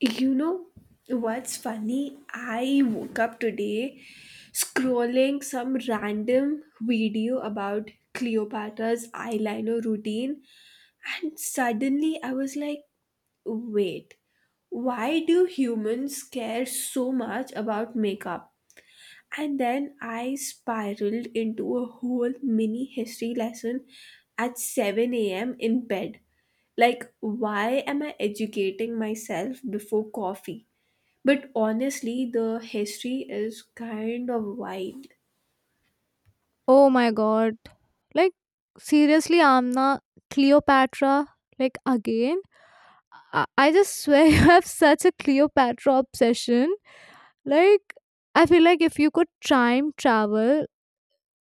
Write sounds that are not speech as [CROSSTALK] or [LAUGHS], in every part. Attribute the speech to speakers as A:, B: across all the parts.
A: You know what's funny? I woke up today scrolling some random video about Cleopatra's eyeliner routine, and suddenly I was like, wait, why do humans care so much about makeup? And then I spiraled into a whole mini history lesson at 7 a.m. in bed. Like, why am I educating myself before coffee? But honestly, the history is kind of wild.
B: Oh my god. Like seriously, Amna, Cleopatra, like again? I just swear [LAUGHS] you have such a Cleopatra obsession. Like I feel like if you could time travel,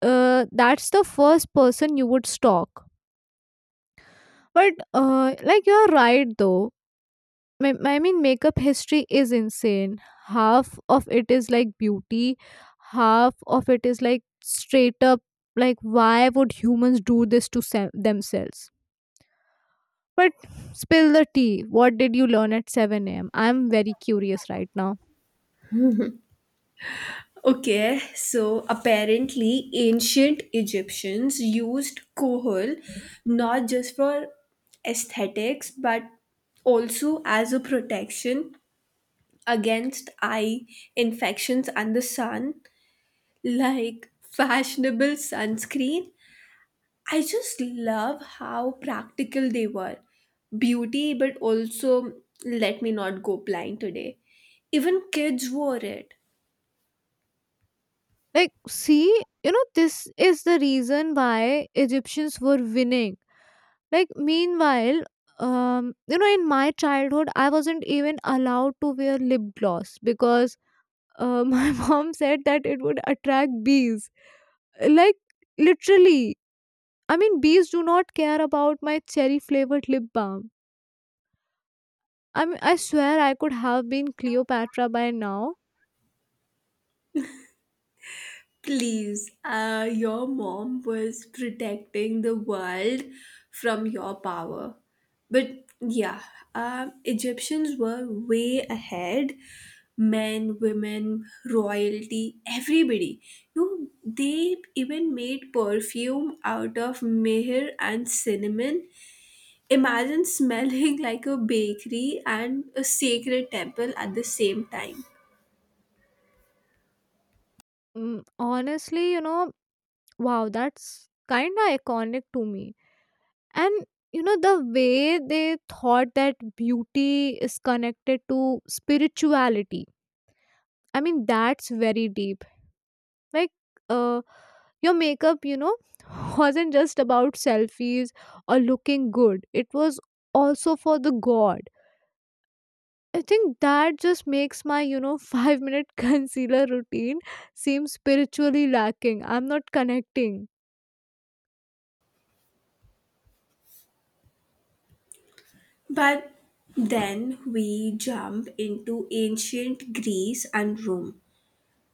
B: that's the first person you would stalk. But like you're right though. I mean, makeup history is insane. Half of it is like beauty, half of it is like straight up, like, why would humans do this to themselves? But spill the tea. What did you learn at 7 a.m.? I'm very curious right now.
A: Okay, so apparently, ancient Egyptians used kohl not just for aesthetics but also as a protection against eye infections and the sun, like fashionable sunscreen. I just love how practical they were. Beauty, but also let me not go blind today. Even kids wore it.
B: Like, see, you know, this is the reason why Egyptians were winning. Like, meanwhile, you know, in my childhood, I wasn't even allowed to wear lip gloss because my [LAUGHS] mom said that it would attract bees. Like, literally. I mean, bees do not care about my cherry flavored lip balm. I mean, I swear I could have been Cleopatra by now.
A: Please, your mom was protecting the world from your power. But yeah, Egyptians were way ahead. Men, women, royalty, everybody. You know, they even made perfume out of mehr and cinnamon. Imagine smelling [LAUGHS] like a bakery and a sacred temple at the same time.
B: Mm, honestly, you know, wow, that's kind of iconic to me. And, you know, the way they thought that beauty is connected to spirituality. I mean, that's very deep. Like, uh, your makeup, you know, [LAUGHS] wasn't just about selfies or looking good, it was also for the God. I think that just makes my, you know, [LAUGHS] 5 minute concealer routine seem spiritually lacking. I'm not connecting.
A: But then we jump into ancient Greece and Rome,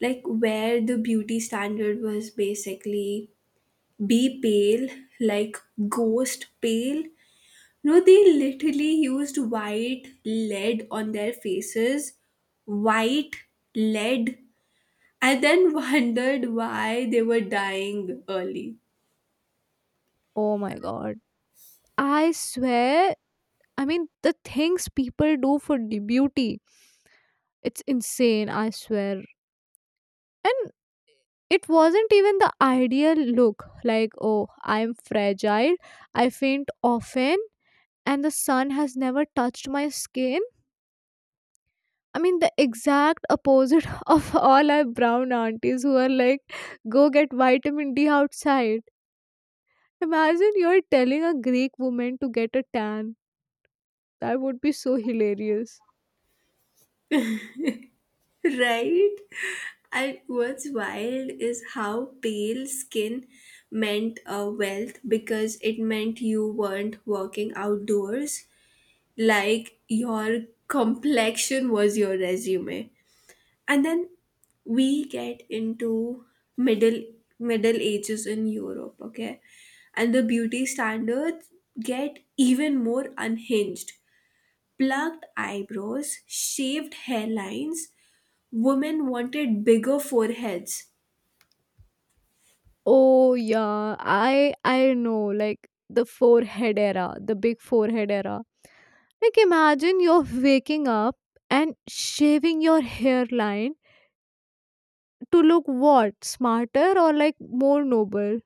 A: like where the beauty standard was basically be pale, like ghost pale. No, they literally used white lead on their faces, white lead, and then [LAUGHS] wondered why they were dying early.
B: Oh my God. I swear, I mean, the things people do for the beauty, it's insane, I swear. And it wasn't even the ideal look. Like, oh, I'm fragile, I faint often, and the sun has never touched my skin. I mean, the exact opposite [LAUGHS] of all our brown aunties who are like, go get vitamin D outside. Imagine you're telling a Greek woman to get a tan. That would be so hilarious.
A: Right? And what's wild is how pale skin meant wealth, because it meant you weren't working outdoors. Like your complexion was your resume. And then we get into middle middle ages in Europe, okay? And the beauty standards get even more unhinged. Plucked eyebrows, shaved hairlines, women wanted bigger foreheads.
B: Oh yeah, I know, like the forehead era, the big forehead era. Like imagine you're waking up and shaving your hairline to look what, smarter or like more noble.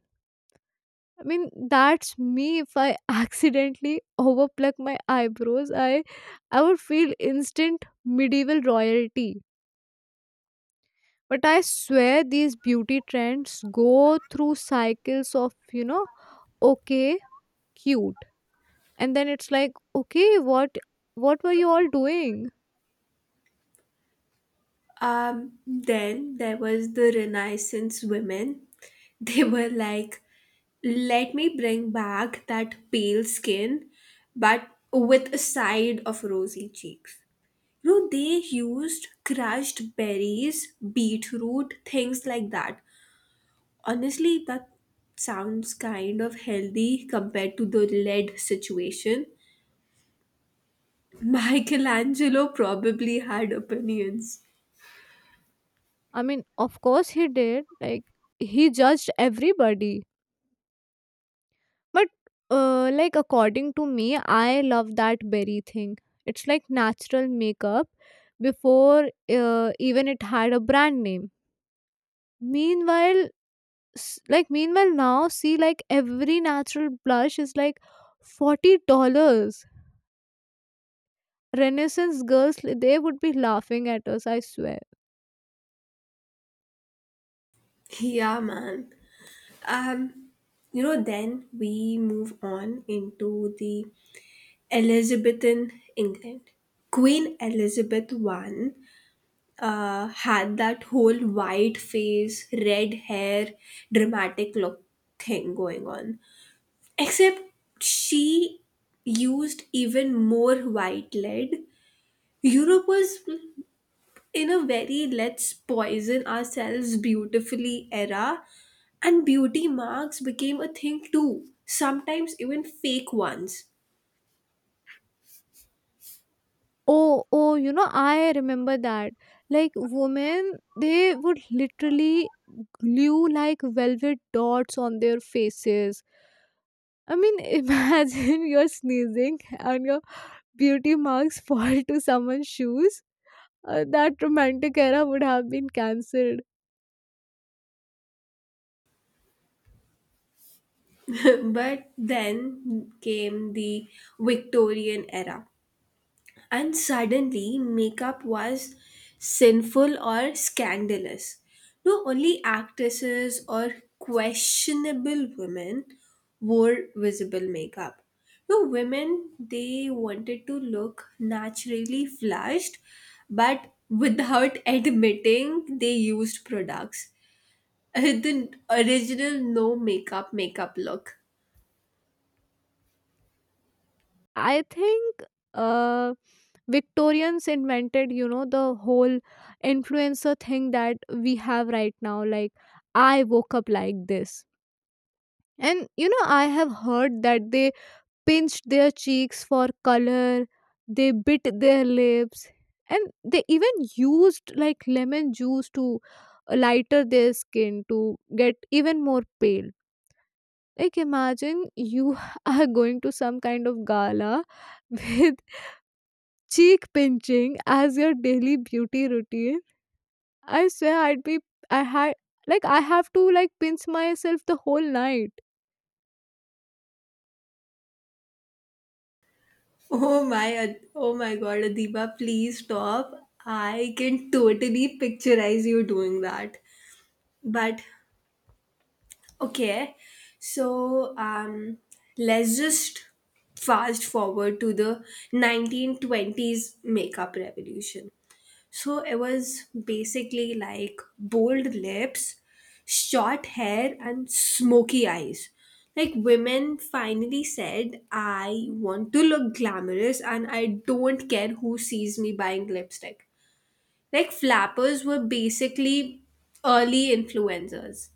B: I mean, that's me. If I [LAUGHS] accidentally overpluck my eyebrows, I would feel instant medieval royalty. But I swear these beauty trends go through cycles of, you know, okay, cute. And then it's like, okay, what were you all doing?
A: Then there was the Renaissance women. [LAUGHS] They were like, let me bring back that pale skin, but with a side of rosy cheeks. You know, they used crushed berries, beetroot, things like that. Honestly, that sounds kind of healthy compared to the lead situation. [LAUGHS] Michelangelo probably had opinions.
B: I mean, of course he did. Like, he judged everybody. But like according to me, I love that berry thing. It's like natural makeup before even it had a brand name. Meanwhile, like meanwhile now, see, like every natural blush is like $40. Renaissance girls, they would be laughing at us. I swear.
A: Yeah, man. Um, you know, then we move on into the Elizabethan England. Queen Elizabeth I had that whole white face, red hair, dramatic look thing going on. Except she used even more white lead. Europe was in a very let's poison ourselves beautifully era, and beauty marks became a thing too, sometimes even fake ones.
B: Oh, oh, you know, I remember that. Like, women, they would literally glue like velvet dots on their faces. I mean, [LAUGHS] imagine you're sneezing and your beauty marks fall to someone's shoes. That romantic era would have been cancelled.
A: [LAUGHS] But then came the Victorian era, and suddenly makeup was sinful or scandalous. No, only actresses or questionable women wore visible makeup. No, women, they wanted to look naturally flushed, but without [LAUGHS] admitting they used products. [LAUGHS] The original no makeup makeup look.
B: I think uh, Victorians invented, you know, the whole influencer thing that we have right now. Like, I woke up like this. And, you know, I have heard that they pinched their cheeks for color, they bit their lips, and they even used like lemon juice to lighter their skin to get even more pale. Like, imagine you [LAUGHS] are going to some kind of gala with [LAUGHS] cheek pinching as your daily beauty routine. I swear, I'd be, I had, like, I have to like pinch myself the whole night.
A: Oh my God, Adiba, please stop. I can totally picturize you doing that. But okay, so let's just fast forward to the 1920s makeup revolution. So it was basically like bold lips, short hair, and smoky eyes. Like women finally said, I want to look glamorous and I don't care who sees me buying lipstick. Like flappers were basically early influencers.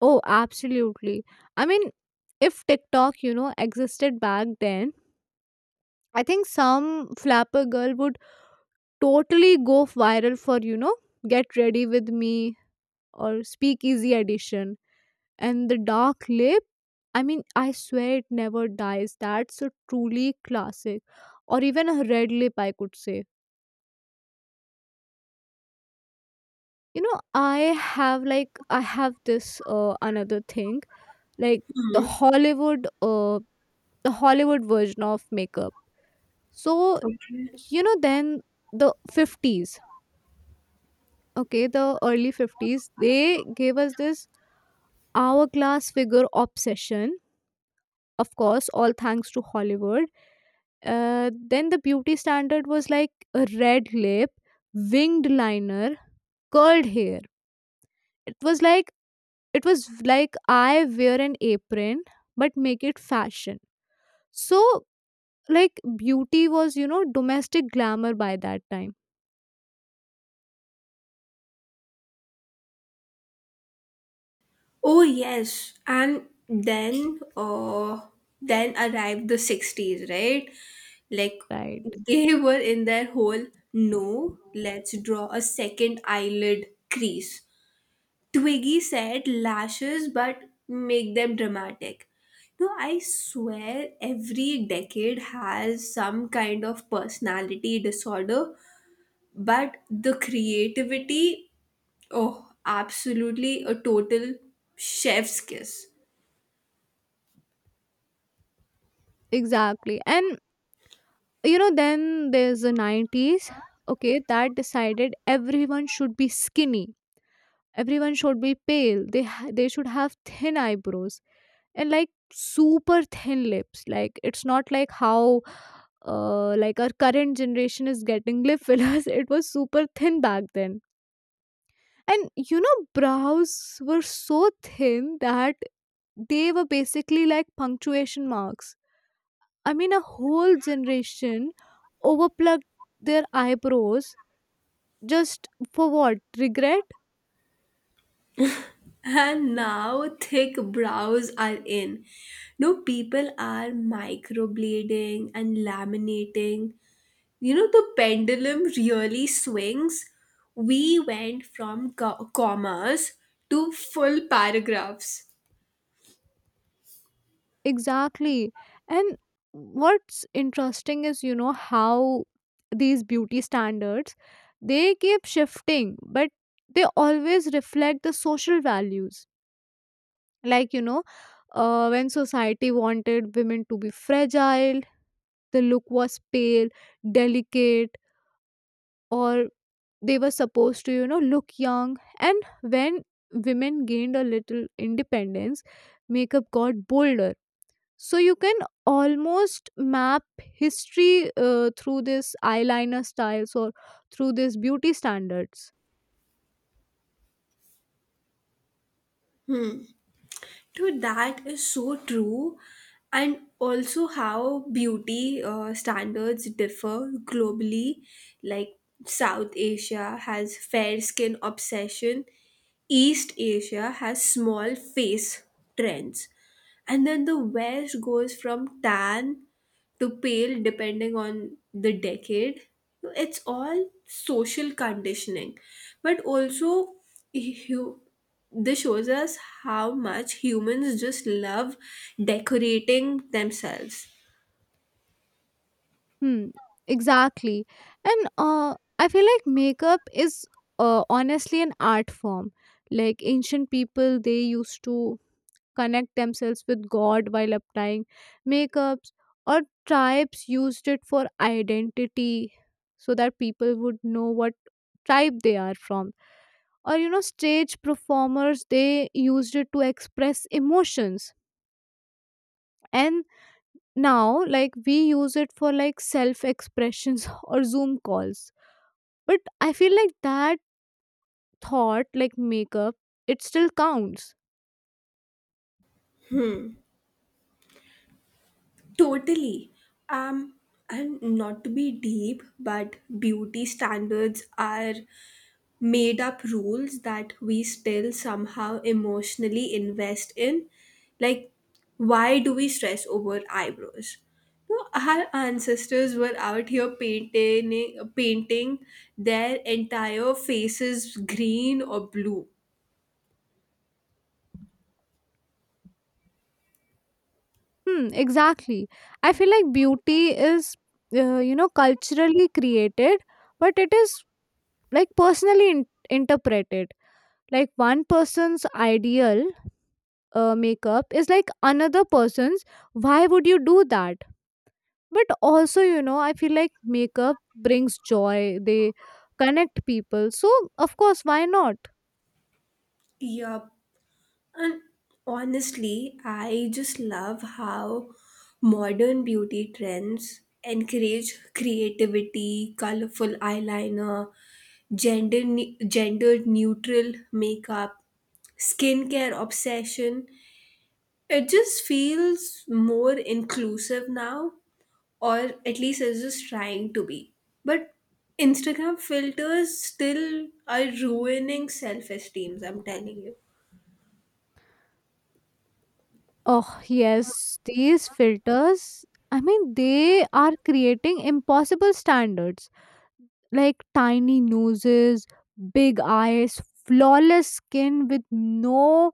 B: Oh, absolutely. I mean, if TikTok, you know, existed back then, I think some flapper girl would totally go viral for, you know, get ready with me or speakeasy edition. And the dark lip, I mean, I swear it never dies. That's a truly classic. Or even a red lip, I could say. You know, I have like, I have this another thing, like the
A: Hmm.
B: Hollywood, uh, the Hollywood version of makeup. So,
A: Okay.
B: you know, then the 50s, okay, the early 50s, they gave us this hourglass figure obsession. Of course, all thanks to Hollywood. Then the beauty standard was like a red lip, winged liner, curled hair. It was like it was like I wear an apron but make it fashion. So like beauty was, you know, domestic glamour by that time,
A: Oh yes, and then arrived the 60s, right? Like
B: right?
A: they were in their whole no, let's draw a second eyelid crease. Twiggy said lashes but make them dramatic. No, I swear every decade has some kind of personality disorder, but the creativity, oh absolutely, a total chef's kiss.
B: Exactly. And you know then there's the 90s, okay, that decided everyone should be skinny, everyone should be pale, they they should have thin eyebrows, and like super thin lips. Like, it's not like how like our current generation is getting lip fillers. [LAUGHS] It was super thin back then. And you know brows were so thin that they were basically like punctuation marks. I mean, a whole generation overplucked their eyebrows just for what? Regret?
A: And now thick brows are in. No, people are microblading and laminating. You know the pendulum really swings, we went from commas to full paragraphs.
B: Exactly. And what's interesting is, you know, how these beauty standards, they keep shifting, but they always reflect the social values. Like, you know, when society wanted women to be fragile, the look was pale, delicate, or they were supposed to, you know, look young. And when women gained a little independence, makeup got bolder. So you can almost map history through this eyeliner styles or through this beauty standards.
A: Dude, that is so true. And also, how beauty standards differ globally. Like, South Asia has fair skin obsession, East Asia has small face trends. And then the West goes from tan to pale depending on the decade. So, it's all social conditioning, but also hu- this shows us how much humans just love decorating themselves.
B: Hmm, exactly. And I feel like makeup is honestly an art form. Like, ancient people they used to connect themselves with God while applying makeups, or tribes used it for identity so that people would know what tribe they are from. Or, you know, stage performers they used it to express emotions. And now, like, we use it for like self expressions [LAUGHS] or Zoom calls. But I feel like that thought, like makeup, it still counts.
A: Totally. Um, and not to be deep, but beauty standards are made up rules that we still somehow emotionally invest in. Like, why do we stress over eyebrows? No, our ancestors were out here painting their entire faces green or blue.
B: Hmm, exactly. I feel like beauty is, you know, culturally created, but it is like personally interpreted. Like, one person's ideal makeup is like another person's, why would you do that? But also, you know, I feel like makeup brings joy, they connect people. So, of course, why not?
A: Yup. And honestly, I just love how modern beauty trends encourage creativity, colorful eyeliner, gender neutral makeup, skincare obsession. It just feels more inclusive now, or at least it's just trying to be. But Instagram filters still are ruining self esteems, I'm telling you.
B: Oh, yes, these filters, I mean, they are creating impossible standards like tiny noses, big eyes, flawless skin with no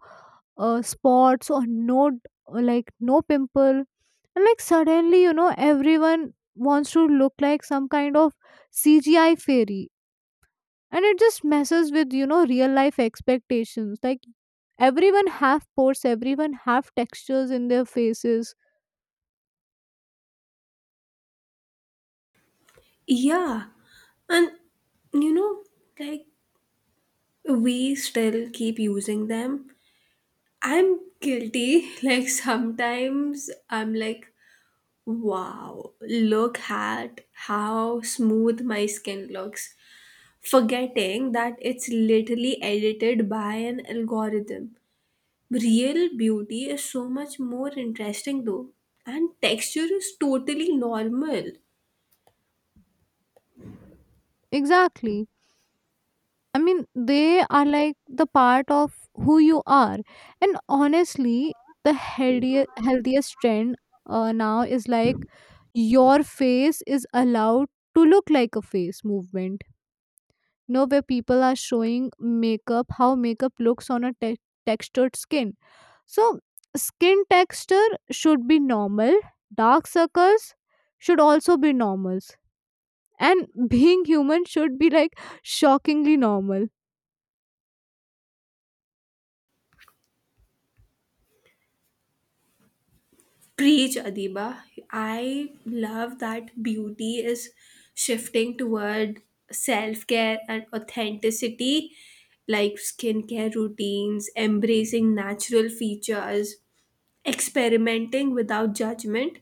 B: spots or no or like no pimple. And like suddenly, you know, everyone wants to look like some kind of CGI fairy. And it just messes with, you know, real life expectations. Like, everyone have pores, everyone have textures in their faces.
A: Yeah, and you know, like we still keep using them. I'm guilty. [LAUGHS] Like sometimes I'm like, wow, look at how smooth my skin looks, forgetting that it's literally edited by an algorithm. Real beauty is so much more interesting though, and texture is totally normal.
B: Exactly. I mean, they are like the part of who you are. And honestly, the healthier, healthiest trend now is like your face is allowed to look like a face movement. You know, where people are showing makeup, how makeup looks on a textured skin. So, skin texture should be normal, dark circles should also be normals, and being human should be like shockingly normal.
A: Preach, Adiba. I love that beauty is shifting toward self care and authenticity, like skincare routines, embracing natural features, experimenting without judgment.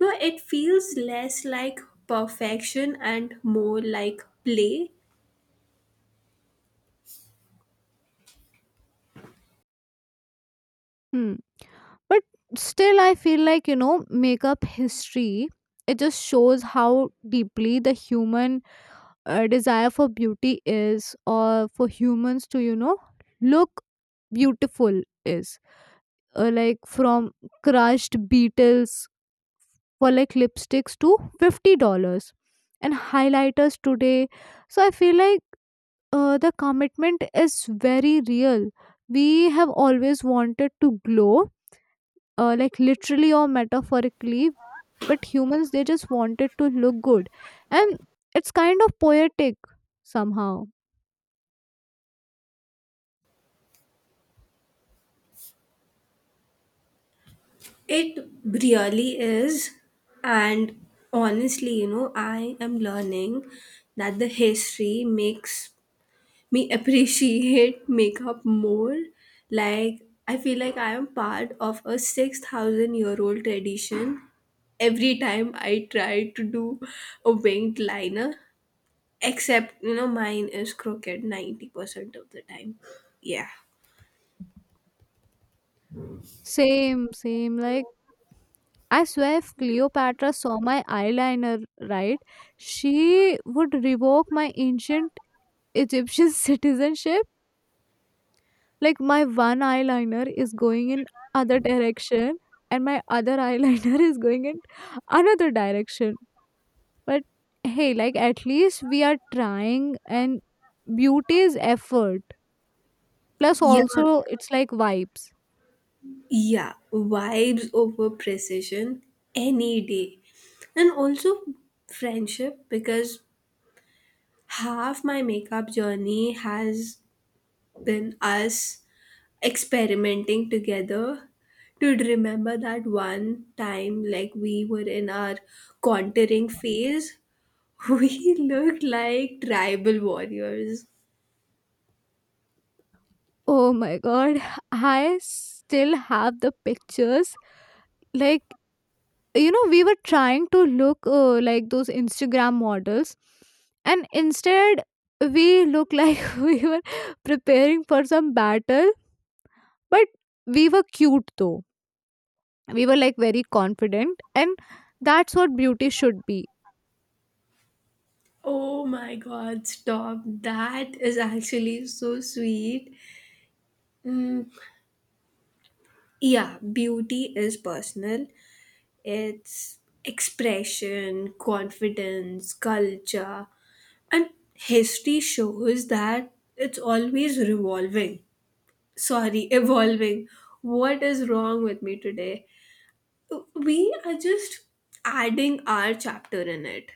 A: No, it feels less like perfection and more like play.
B: Hmm. But still I feel like, you know, makeup history, it just shows how deeply the human desire for beauty is, or for humans to, you know, look beautiful is like from crushed beetles for like lipsticks to $50 and highlighters today. So I feel like the commitment is very real. We have always wanted to glow, like literally or metaphorically. But humans, they just wanted to look good. And it's kind of poetic somehow.
A: It really is. And honestly, you know, I am learning that the history makes me appreciate [LAUGHS] makeup more. Like I feel like I am part of a 6,000 year old tradition. Every time I try to do a winged liner, except you know mine is crooked 90% of the time. Yeah,
B: Same, like I swear if Cleopatra saw my eyeliner, right, she would revoke my ancient Egyptian [LAUGHS] citizenship. Like, my one eyeliner is going in other direction and my other [LAUGHS] eyeliner is going in another direction. But hey, like at least we are trying, and beauty is effort. Plus,
A: yeah,
B: also, it's like vibes.
A: yeah. Vibes over precision any day, and also friendship because half my makeup journey has than us experimenting together. To remember that one time like we were in our contouring phase, [LAUGHS] we looked like tribal warriors.
B: Oh my god, [LAUGHS] I still have the pictures. Like, you know, we were trying to look like those Instagram models, and instead, we look like [LAUGHS] we were preparing for some battle, but we were cute though. We were like very confident, and that's what beauty should be.
A: Oh my god, stop, that is actually so sweet. Mm, yeah, beauty is personal, its expression, confidence, culture, and history shows that it's always revolving. Sorry, [LAUGHS] evolving. What is wrong with me today? We are just adding our chapter in it.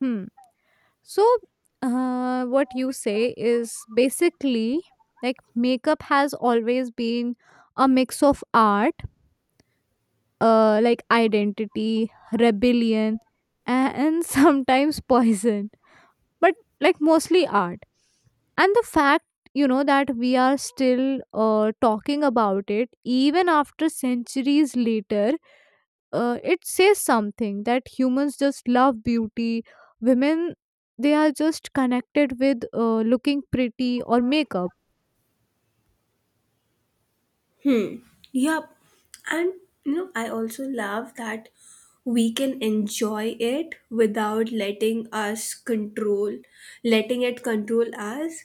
B: Hmm. So, what you say is basically like makeup has always been a mix of art, like identity, rebellion, and [LAUGHS] sometimes poison, but like mostly art. And the fact, you know, that we are still talking about it even after centuries later, it says something that humans just love beauty. Women, they are just connected with looking pretty or makeup.
A: Yep. And you know, I also love that we can enjoy it without letting it control us.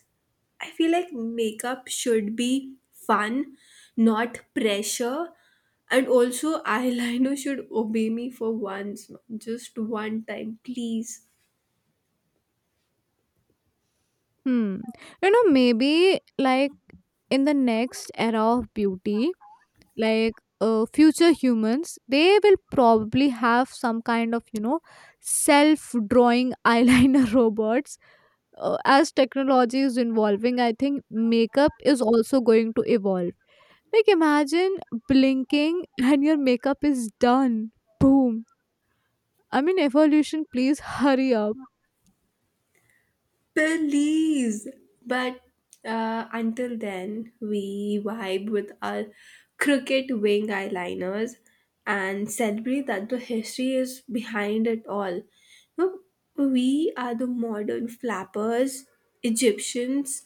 A: I feel like makeup should be fun, not pressure. And also, [LAUGHS] eyeliner should obey me for once, just one time, please.
B: Hmm. You know, maybe like in the next era of beauty, like future humans, they will probably have some kind of, you know, self drawing [LAUGHS] eyeliner robots. As technology is evolving, I think makeup is also going to evolve. Like, imagine blinking and your makeup is done. Boom. I mean, evolution, please hurry up.
A: Please. But until then, we vibe with our crooked wing eyeliners and celebrate that the history is behind it all. No, we are the modern flappers, Egyptians,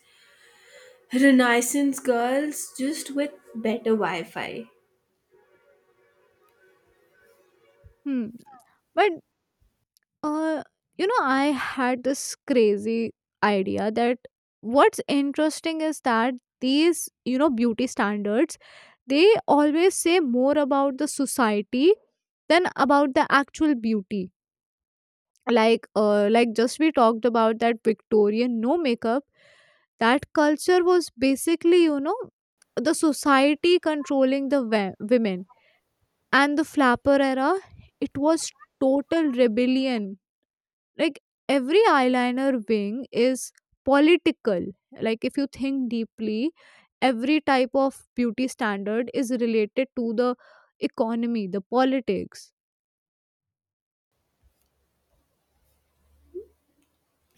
A: Renaissance girls, just with better Wi Fi.
B: Hmm. But uh you know I had this crazy idea that what's interesting is that these, you know, beauty standards, they always say more about the society than about the actual beauty. Like, just we talked about that Victorian no makeup. That culture was basically, you know, the society controlling the women. And the flapper era, it was total rebellion. Like, every eyeliner wing is political. Like, if you think deeply, every type of beauty standard is related to the economy, the politics.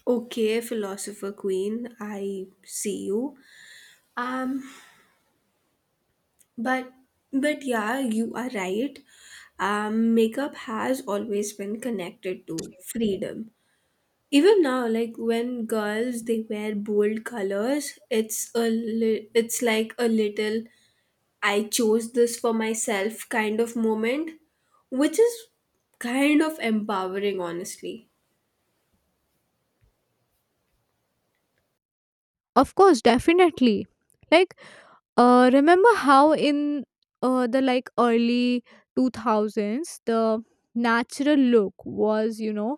A: Okay, philosopher queen, I see you. Um. But but yeah, you are right. Makeup has always been connected to freedom. Even now, like when girls they wear bold colors, it's a it's like a little I chose this for myself kind of moment, which is kind of empowering, honestly.
B: Of course, definitely. Like, remember how in the like early 2000s the natural look was, you know,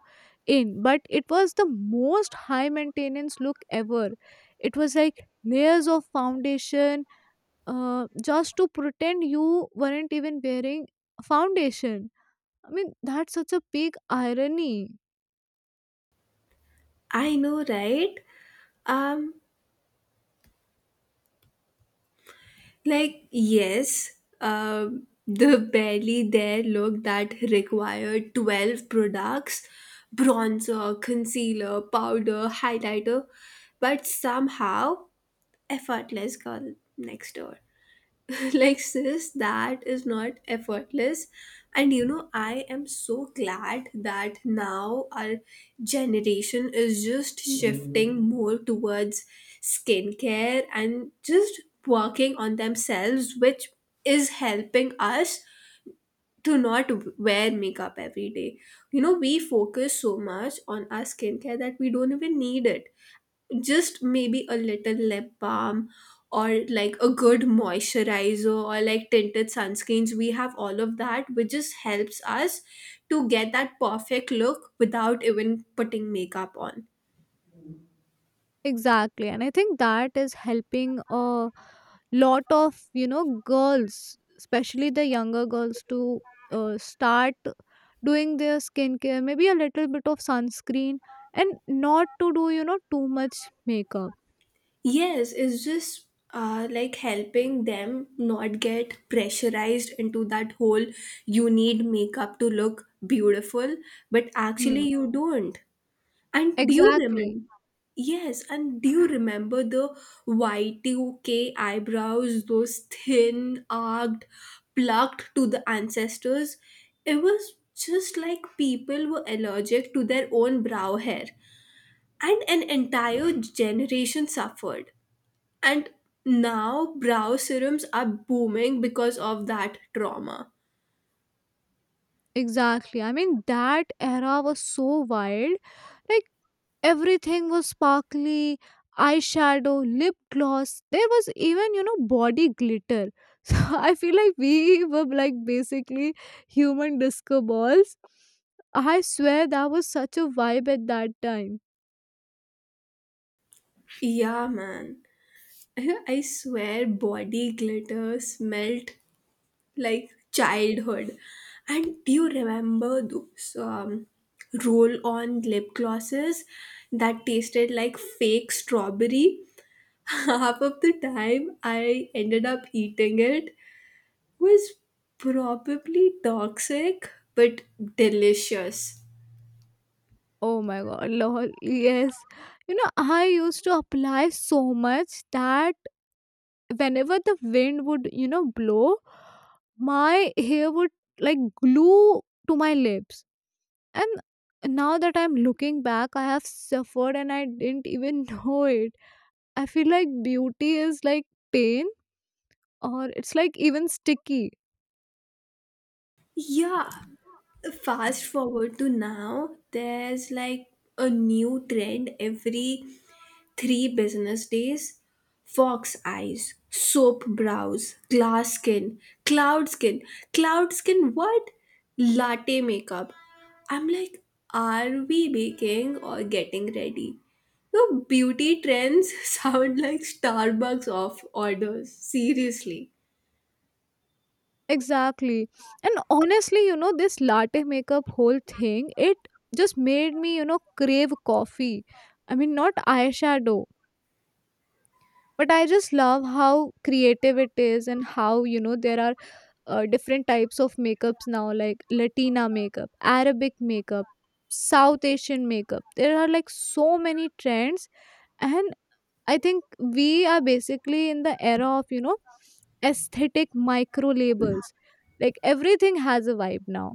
B: in, but it was the most high maintenance look ever. It was like layers of foundation just to pretend you weren't even wearing foundation. I mean, that's such a big irony.
A: I know, right? Um, like, yes, the barely there look that required 12 products, bronzer, concealer, powder, highlighter, but somehow effortless girl next door. [LAUGHS] Like sis, that is not effortless. And you know I am so glad that now our generation is just shifting more towards skincare and just working on themselves, which is helping us to not wear makeup every day. You know we focus so much on our skincare that we don't even need it, just maybe a little lip balm or like a good moisturizer or like tinted sunscreens, we have all of that which just helps us to get that perfect look without even putting makeup on.
B: Exactly. And I think that is helping a lot of, you know, girls, especially the younger girls, to start doing their skincare, maybe a little bit of sunscreen, and not to do, you know, too much makeup.
A: Yes, it's just like helping them not get pressurized into that whole you need makeup to look beautiful, but actually
B: Hmm.
A: you don't. And do you
B: Exactly.
A: remember? Yes, and do you remember the Y2K eyebrows, those thin, arched, plucked to the ancestors? It was just like people were allergic to their own brow hair, and an entire generation suffered. And now brow serums are booming because of that trauma.
B: Exactly. I mean, that era was so wild. Like, everything was sparkly eyeshadow, lip gloss. There was even, you know, body glitter. [LAUGHS] So I feel like we were like basically human disco balls. I swear that was such a vibe at that time.
A: Yeah, man. [LAUGHS] I swear body glitter smelt like childhood. And do you remember those roll on lip glosses that tasted like fake strawberry? [LAUGHS] Half of the time I ended up eating it, was probably toxic but delicious.
B: Oh my god, lol. Yes. You know, I used to apply so much that whenever the wind would, you know, blow, my hair would like glue to my lips. And now that I'm looking back, I have suffered and I didn't even [LAUGHS] know it. I feel like beauty is like pain, or it's like even sticky.
A: Yeah, fast forward to now, there's like a new trend every three business days, fox eyes, soap brows, glass skin, cloud skin, cloud skin, what? Latte makeup. I'm like, are we baking or getting ready? Your beauty trends [LAUGHS] sound like Starbucks off orders. Seriously.
B: Exactly. And honestly, you know, this latte makeup whole thing, it just made me, you know, crave coffee. I mean, not eyeshadow. But I just love how creative it is and how, you know, there are different types of makeups now like latina makeup, arabic makeup, south asian makeup. There are like so many trends. And I think we are basically in the era of, you know, aesthetic micro labels. Like, everything has a vibe now.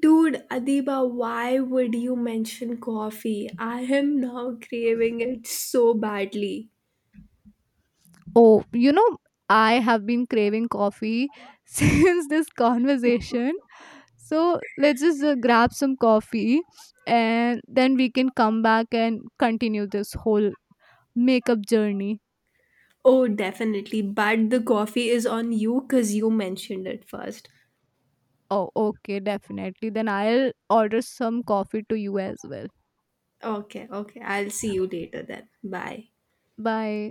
A: Dude, Adiba, why would you mention coffee? I am now craving it so badly.
B: Oh, you know, I have been craving coffee [LAUGHS] since this conversation. So let's just grab some coffee and then we can come back and continue this whole makeup journey.
A: Oh, definitely. But the coffee is on you because you mentioned it first.
B: Oh, okay, definitely. Then I'll order some coffee to you as well.
A: Okay, okay. I'll see you later then. Bye.
B: Bye.